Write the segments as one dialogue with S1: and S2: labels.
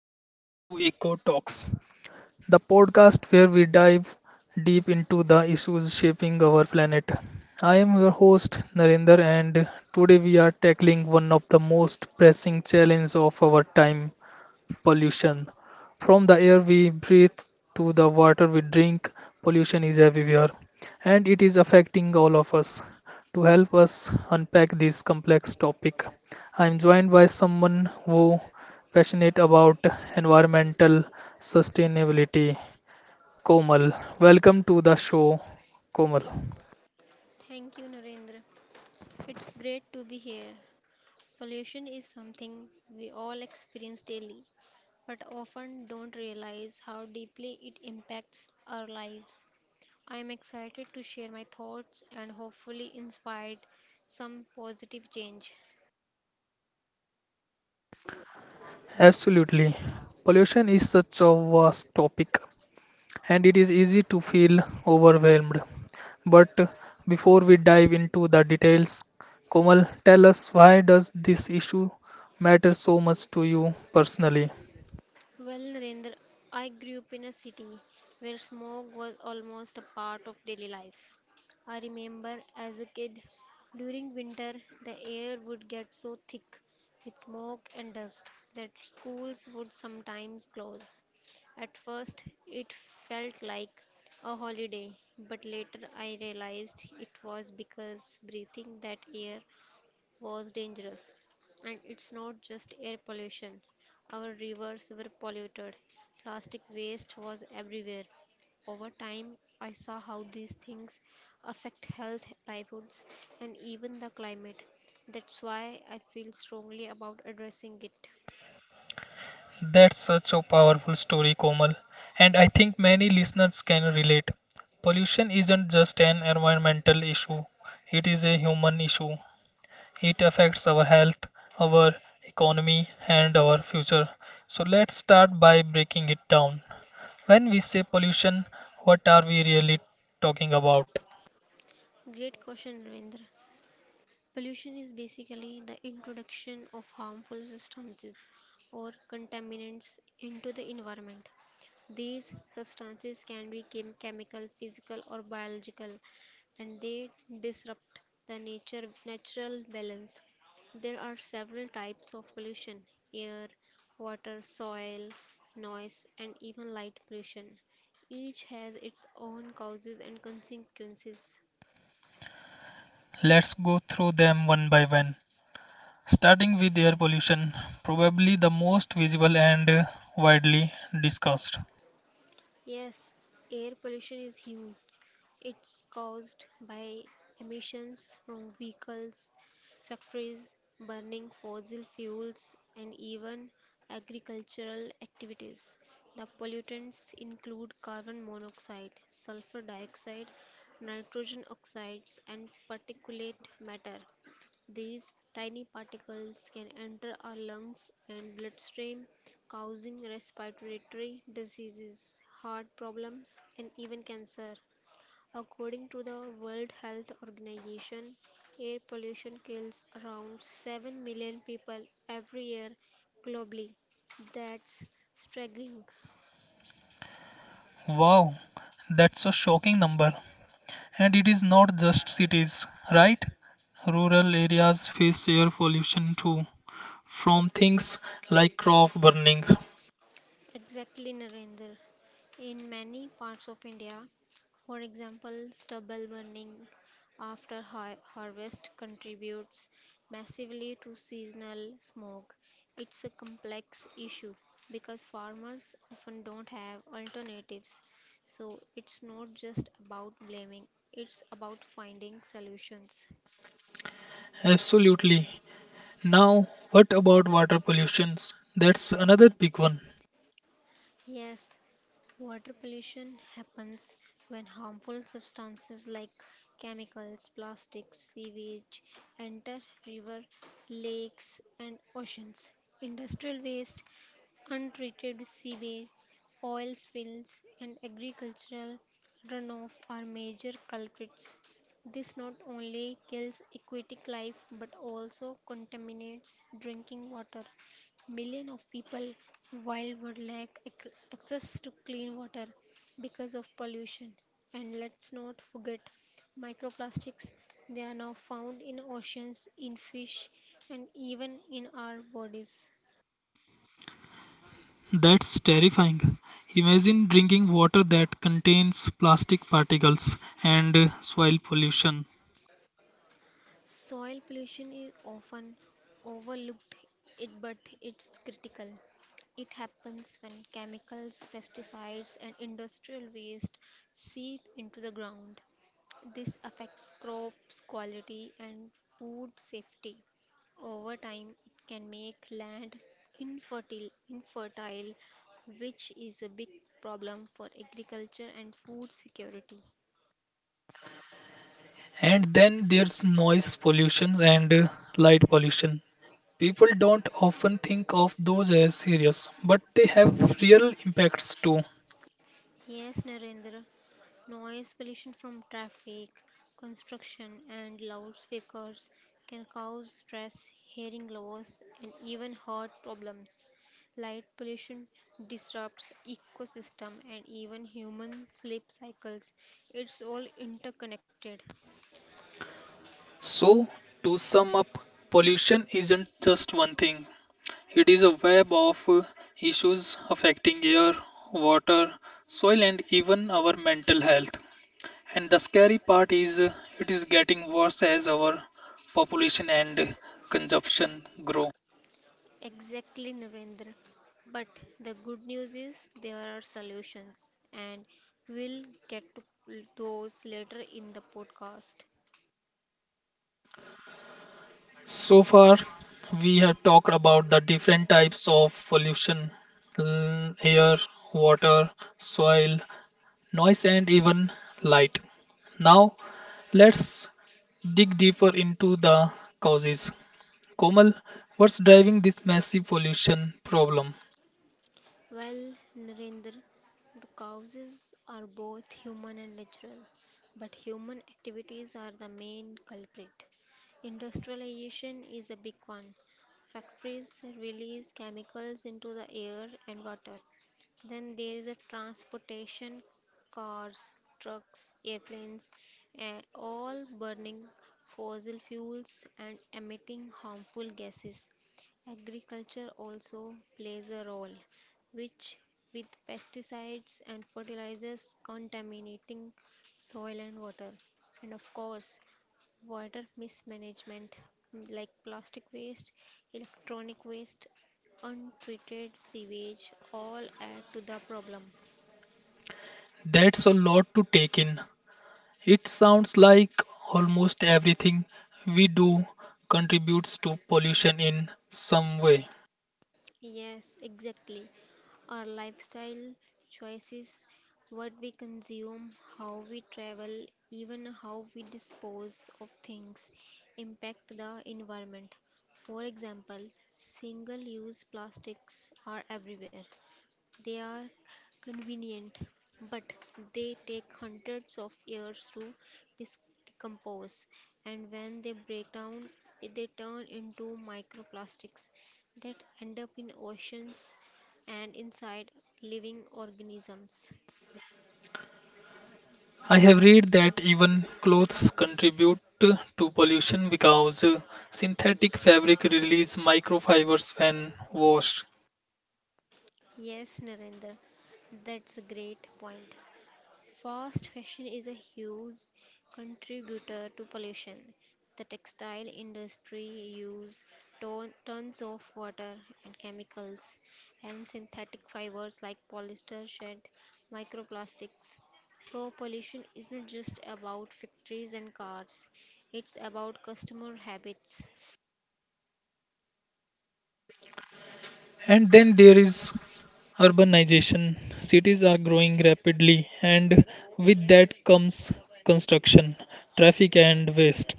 S1: and welcome to Eco Talks, the podcast where we dive deep into the issues shaping our planet. I am your host, Narendra, and today we are tackling one of the most pressing challenges of our time pollution. From the air we breathe to the water we drink, pollution is everywhere and it is affecting all of us. To help us unpack this complex topic, I am joined by someone who passionate about environmental sustainability, Komal. Welcome to the show, Komal.
S2: Thank you, Narendra. It's great to be here. Pollution is something we all experience daily, but often don't realize how deeply it impacts our lives. I am excited to share my thoughts and hopefully inspired some positive change.
S1: Absolutely. Pollution is such a vast topic and it is easy to feel overwhelmed. But before we dive into the details, Komal, tell us why does this issue matter so much to you personally?
S2: Well, Narendra, I grew up in a city where smoke was almost a part of daily life. I remember as a kid, during winter, the air would get so thick with smoke and dust that schools would sometimes close. At first, it felt like a holiday, but later I realized it was because breathing that air was dangerous. And it's not just air pollution. Our rivers were polluted. Plastic waste was everywhere. Over time, I saw how these things affect health, livelihoods, and even the climate. That's why I feel strongly about addressing it.
S1: That's such a powerful story, Komal, and I think many listeners can relate. Pollution isn't just an environmental issue, it is a human issue. It affects our health, our economy, and our future. So let's start by breaking it down. When we say pollution, what are we really talking about?
S2: Great question, Ravindra. Pollution is basically the introduction of harmful substances or contaminants into the environment. These substances can be chemical, physical, or biological, and they disrupt the nature natural balance. There are several types of pollution: air, water, soil, noise, and even light pollution. Each has its own causes and consequences.
S1: Let's go through them one by one. Starting with air pollution, probably the most visible and widely discussed.
S2: Yes, air pollution is huge. It's caused by emissions from vehicles, factories, burning fossil fuels, and even agricultural activities. The pollutants include carbon monoxide, sulfur dioxide, nitrogen oxides, and particulate matter. These tiny particles can enter our lungs and bloodstream, causing respiratory diseases, heart problems, and even cancer. According to the World Health Organization, air pollution kills around 7 million people every year globally. That's staggering.
S1: Wow, that's a shocking number. And it is not just cities, right? Rural areas face air pollution too, from things like crop burning.
S2: Exactly, Narendra. In many parts of India, for example, stubble burning after harvest contributes massively to seasonal smoke. It's a complex issue because farmers often don't have alternatives. So it's not just about blaming, it's about finding solutions.
S1: Absolutely. Now, what about water pollutions? That's another big one.
S2: Yes, water pollution happens when harmful substances like chemicals, plastics, sewage enter river, lakes, and oceans. Industrial waste, untreated sewage, oil spills, and agricultural runoff are major culprits. This not only kills aquatic life but also contaminates drinking water. Millions of people worldwide lack access to clean water because of pollution. And let's not forget microplastics. They are now found in oceans, in fish, and even in our bodies.
S1: That's terrifying. Imagine drinking water that contains plastic particles and soil pollution.
S2: Soil pollution is often overlooked it but it's critical. It happens when chemicals, pesticides and industrial waste seep into the ground. This affects crops quality and food safety. Over time it can make land infertile which is a big problem for agriculture and food security.
S1: And then there's noise pollution and light pollution. People don't often think of those as serious, but they have real impacts too.
S2: Yes, Narendra. Noise pollution from traffic, construction, and loudspeakers can cause stress, hearing loss, and even heart problems. Light pollution disrupts ecosystem and even human sleep cycles. It's all interconnected.
S1: So, to sum up, pollution isn't just one thing, it is a web of issues affecting air, water, soil, and even our mental health. And the scary part is it is getting worse as our population and consumption grow.
S2: Exactly, Narendra. But the good news is there are solutions, and we'll get to those later in the podcast.
S1: So far, we have talked about the different types of pollution air, water, soil, noise, and even light. Now, let's dig deeper into the causes. Komal, what's driving this massive pollution problem?
S2: Well, Narendra, the causes are both human and natural, but human activities are the main culprit. Industrialization is a big one. Factories release chemicals into the air and water. Then there is a transportation, cars, trucks, airplanes, and all burning fossil fuels and emitting harmful gases. Agriculture also plays a role, which with pesticides and fertilizers contaminating soil and water, and of course water mismanagement like plastic waste, electronic waste, untreated sewage all add to the problem.
S1: That's a lot to take in. It sounds like almost everything we do contributes to pollution in some way.
S2: Yes, exactly. Our lifestyle choices, what we consume, how we travel, even how we dispose of things impact the environment. For example, single use plastics are everywhere, they are convenient, but they take hundreds of years to dis- decompose, and when they break down, they turn into microplastics that end up in oceans and inside living organisms.
S1: I have read that even clothes contribute to pollution because synthetic fabric release microfibers when washed.
S2: Yes, Narendra, that's a great point. Fast fashion is a huge contributor to pollution. The textile industry uses tons of water and chemicals, and synthetic fibers like polyester shed microplastics. So, pollution is not just about factories and cars, it's about customer habits.
S1: And then there is urbanization. Cities are growing rapidly and with that comes construction, traffic and waste.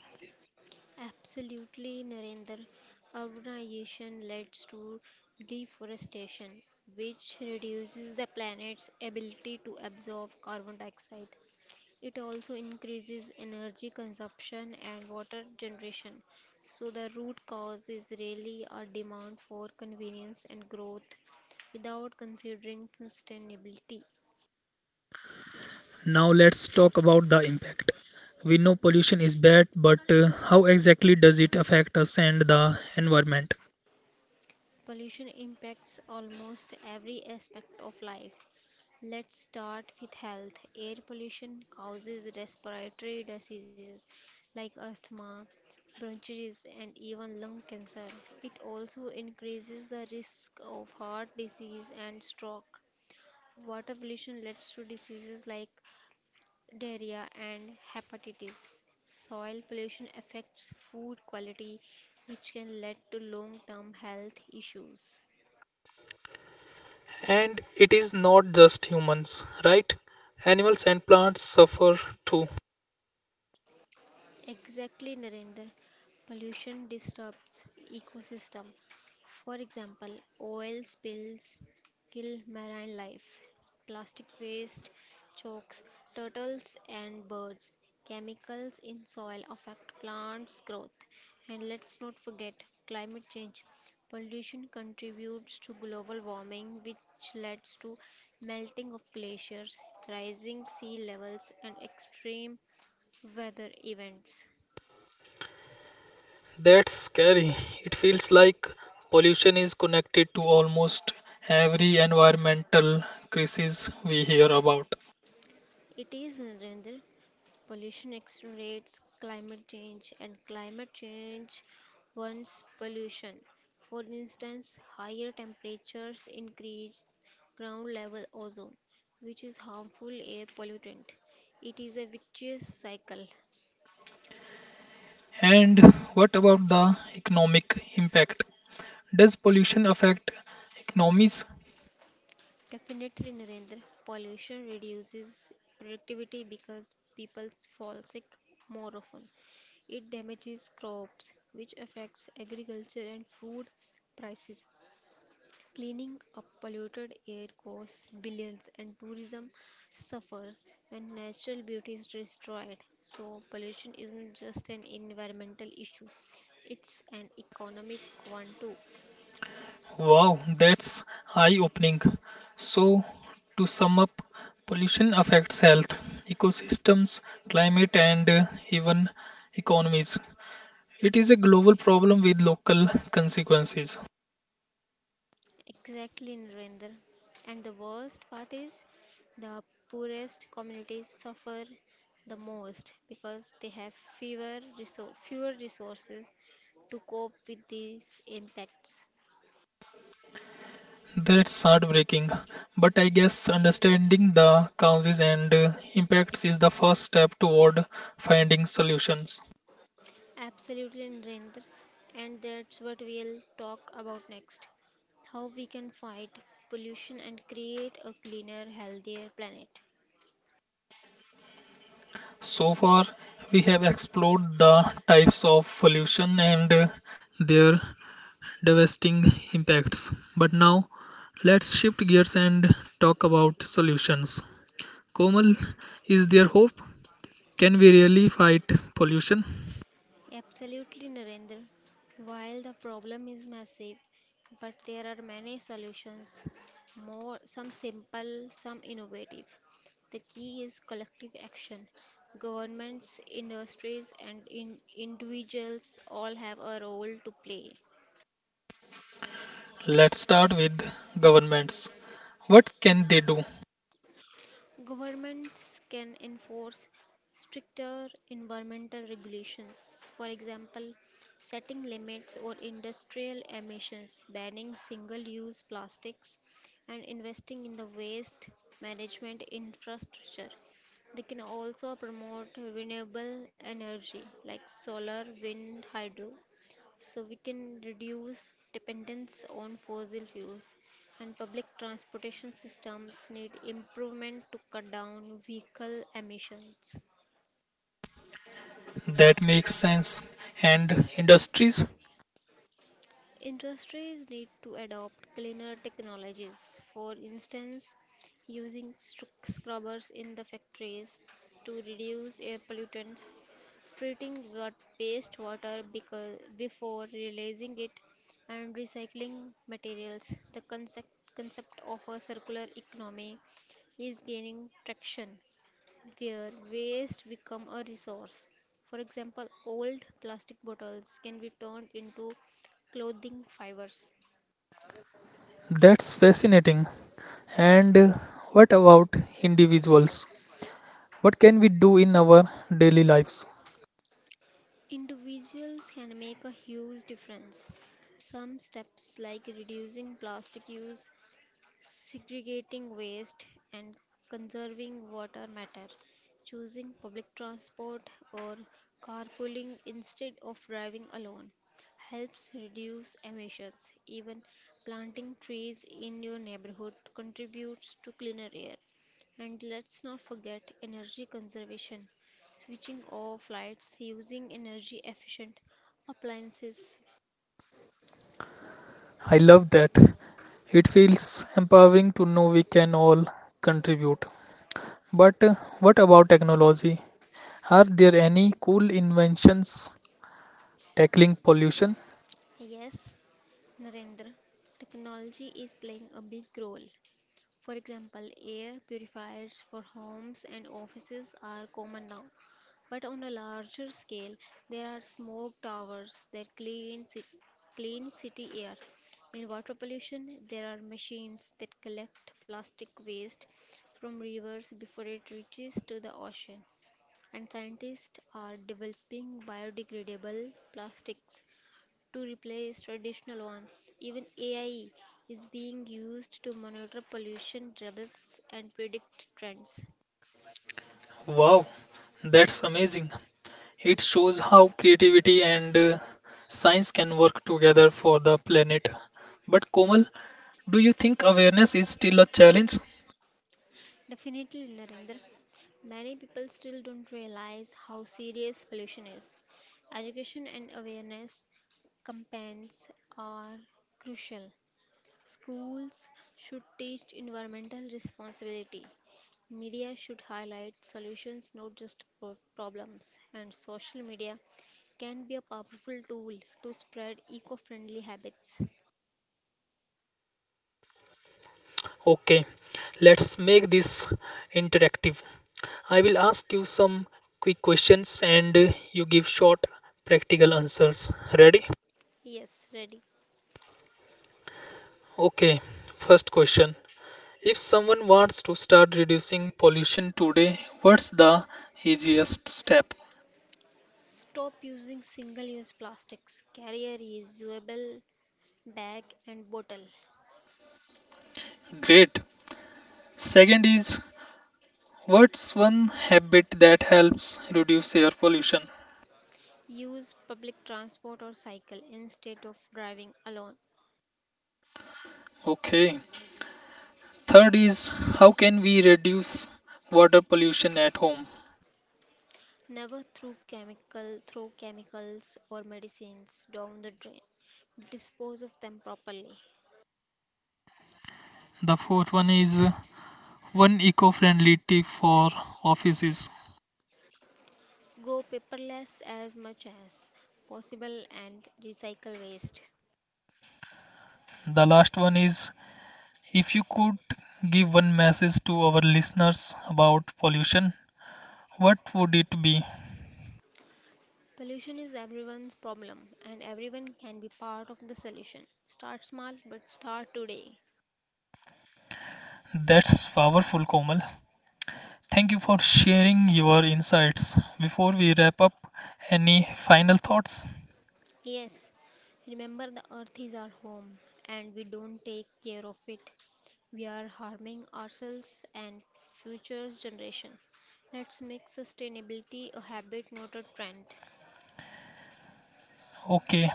S2: Absolutely, Narendra. Urbanization leads to deforestation, which reduces the planet's ability to absorb carbon dioxide. It also increases energy consumption and water generation. So, the root cause is really a demand for convenience and growth without considering sustainability.
S1: Now let's talk about the impact. We know pollution is bad, but how exactly does it affect us and the environment?
S2: Pollution impacts almost every aspect of life. Let's start with health. Air pollution causes respiratory diseases like asthma, bronchitis, and even lung cancer. It also increases the risk of heart disease and stroke. Water pollution leads to diseases like diarrhea and hepatitis. Soil pollution affects food quality, which can lead to long term health issues.
S1: And it is not just humans, right? Animals and plants suffer too.
S2: Exactly, Narendra. Pollution disrupts ecosystem. For example, oil spills kill marine life, plastic waste chokes turtles and birds. Chemicals in soil affect plants' growth. And let's not forget climate change. Pollution contributes to global warming, which leads to melting of glaciers, rising sea levels, and extreme weather events.
S1: That's scary. It feels like pollution is connected to almost every environmental crisis we hear about.
S2: It is Narendra. Pollution accelerates climate change, and climate change wants pollution. For instance, higher temperatures increase ground level ozone, which is harmful air pollutant. It is a vicious cycle.
S1: And what about the economic impact? Does pollution affect economies?
S2: Definitely, Narendra, pollution reduces productivity because people fall sick more often. It damages crops, which affects agriculture and food prices. Cleaning up polluted air costs billions and tourism suffers when natural beauty is destroyed. So, pollution isn't just an environmental issue, it's an economic one too.
S1: Wow, that's eye-opening. So, to sum up, pollution affects health, ecosystems, climate, and even economies. It is a global problem with local consequences.
S2: Exactly, Narendra. And the worst part is the poorest communities suffer the most because they have fewer resources to cope with these impacts.
S1: That's heartbreaking. But I guess understanding the causes and impacts is the first step toward finding solutions.
S2: Absolutely, Narendra. And that's what we'll talk about next, how we can fight pollution and create a cleaner, healthier planet.
S1: So far, we have explored the types of pollution and their devastating impacts. But now, let's shift gears and talk about solutions. Komal, is there hope? Can we really fight pollution?
S2: Absolutely, Narendra. While the problem is massive, but there are many solutions, more some simple, some innovative. The key is collective action. Governments, industries, and in individuals all have a role to play.
S1: Let's start with governments. What can they do?
S2: Governments can enforce stricter environmental regulations, for example, setting limits on industrial emissions, banning single use plastics, and investing in the waste management infrastructure. They can also promote renewable energy like solar, wind, hydro, so we can reduce dependence on fossil fuels, and public transportation systems need improvement to cut down vehicle emissions.
S1: That makes sense. And industries?
S2: Industries need to adopt cleaner technologies, for instance using scrubbers in the factories to reduce air pollutants, treating what waste water because before releasing it, and recycling materials. The concept of a circular economy is gaining traction, where waste become a resource. For example, old plastic bottles can be turned into clothing fibers.
S1: That's fascinating. And what about individuals? What can we do in our daily lives?
S2: Individuals can make a huge difference. Some steps like reducing plastic use, segregating waste, and conserving water matter. Choosing public transport or carpooling instead of driving alone helps reduce emissions. Even planting trees in your neighborhood contributes to cleaner air. And let's not forget energy conservation. Switching off lights, using energy efficient appliances.
S1: I love that. It feels empowering to know we can all contribute. But what about technology? Are there any cool inventions tackling pollution?
S2: Yes, Narendra, technology is playing a big role. For example, air purifiers for homes and offices are common now. But on a larger scale, there are smoke towers that clean city air. In water pollution, there are machines that collect plastic waste from rivers before it reaches to the ocean. And scientists are developing biodegradable plastics to replace traditional ones. Even AI is being used to monitor pollution levels and predict trends.
S1: Wow, that's amazing. It shows how creativity and science can work together for the planet. But Komal, do you think awareness is still a challenge?
S2: Definitely, Narendra. Many people still don't realize how serious pollution is. Education and awareness campaigns are crucial. Schools should teach environmental responsibility. Media should highlight solutions, not just problems. And social media can be a powerful tool to spread eco friendly habits.
S1: Okay, let's make this interactive. I will ask you some quick questions and you give short practical answers. Ready?
S2: Yes, ready.
S1: Okay, first question. If someone wants to start reducing pollution today, what's the easiest step?
S2: Stop using single use plastics. Carry a reusable bag and bottle.
S1: Great. Second is what's one habit that helps reduce air pollution?
S2: Use public transport or cycle instead of driving alone.
S1: Okay. Third is how can we reduce water pollution at home?
S2: Never threw chemical throw chemicals or medicines down the drain. Dispose of them properly.
S1: The fourth one is one eco-friendly tip for offices.
S2: Go paperless as much as possible and recycle waste.
S1: The last one is if you could give one message to our listeners about pollution, what would it be?
S2: Pollution is everyone's problem and everyone can be part of the solution. Start small but start today.
S1: That's powerful, Komal. Thank you for sharing your insights. Before we wrap up, any final thoughts?
S2: Yes, remember the earth is our home and we don't take care of it. We are harming ourselves and future generation. Let's make sustainability a habit, not a trend.
S1: Okay.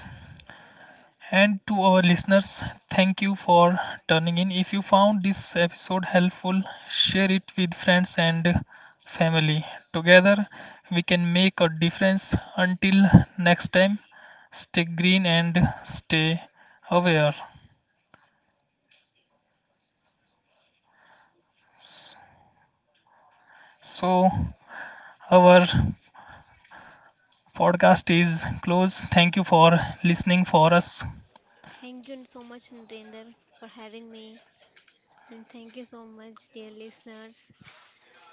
S1: And to our listeners, thank you for turning in. If you found this episode helpful, share it with friends and family. Together, we can make a difference. Until next time, stay green and stay aware. So, our podcast is close. Thank you for listening for us.
S2: Thank you so much, Narendra, for having me. And thank you so much, dear listeners.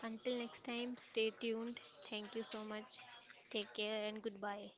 S2: Until next time, stay tuned. Thank you so much. Take care and goodbye.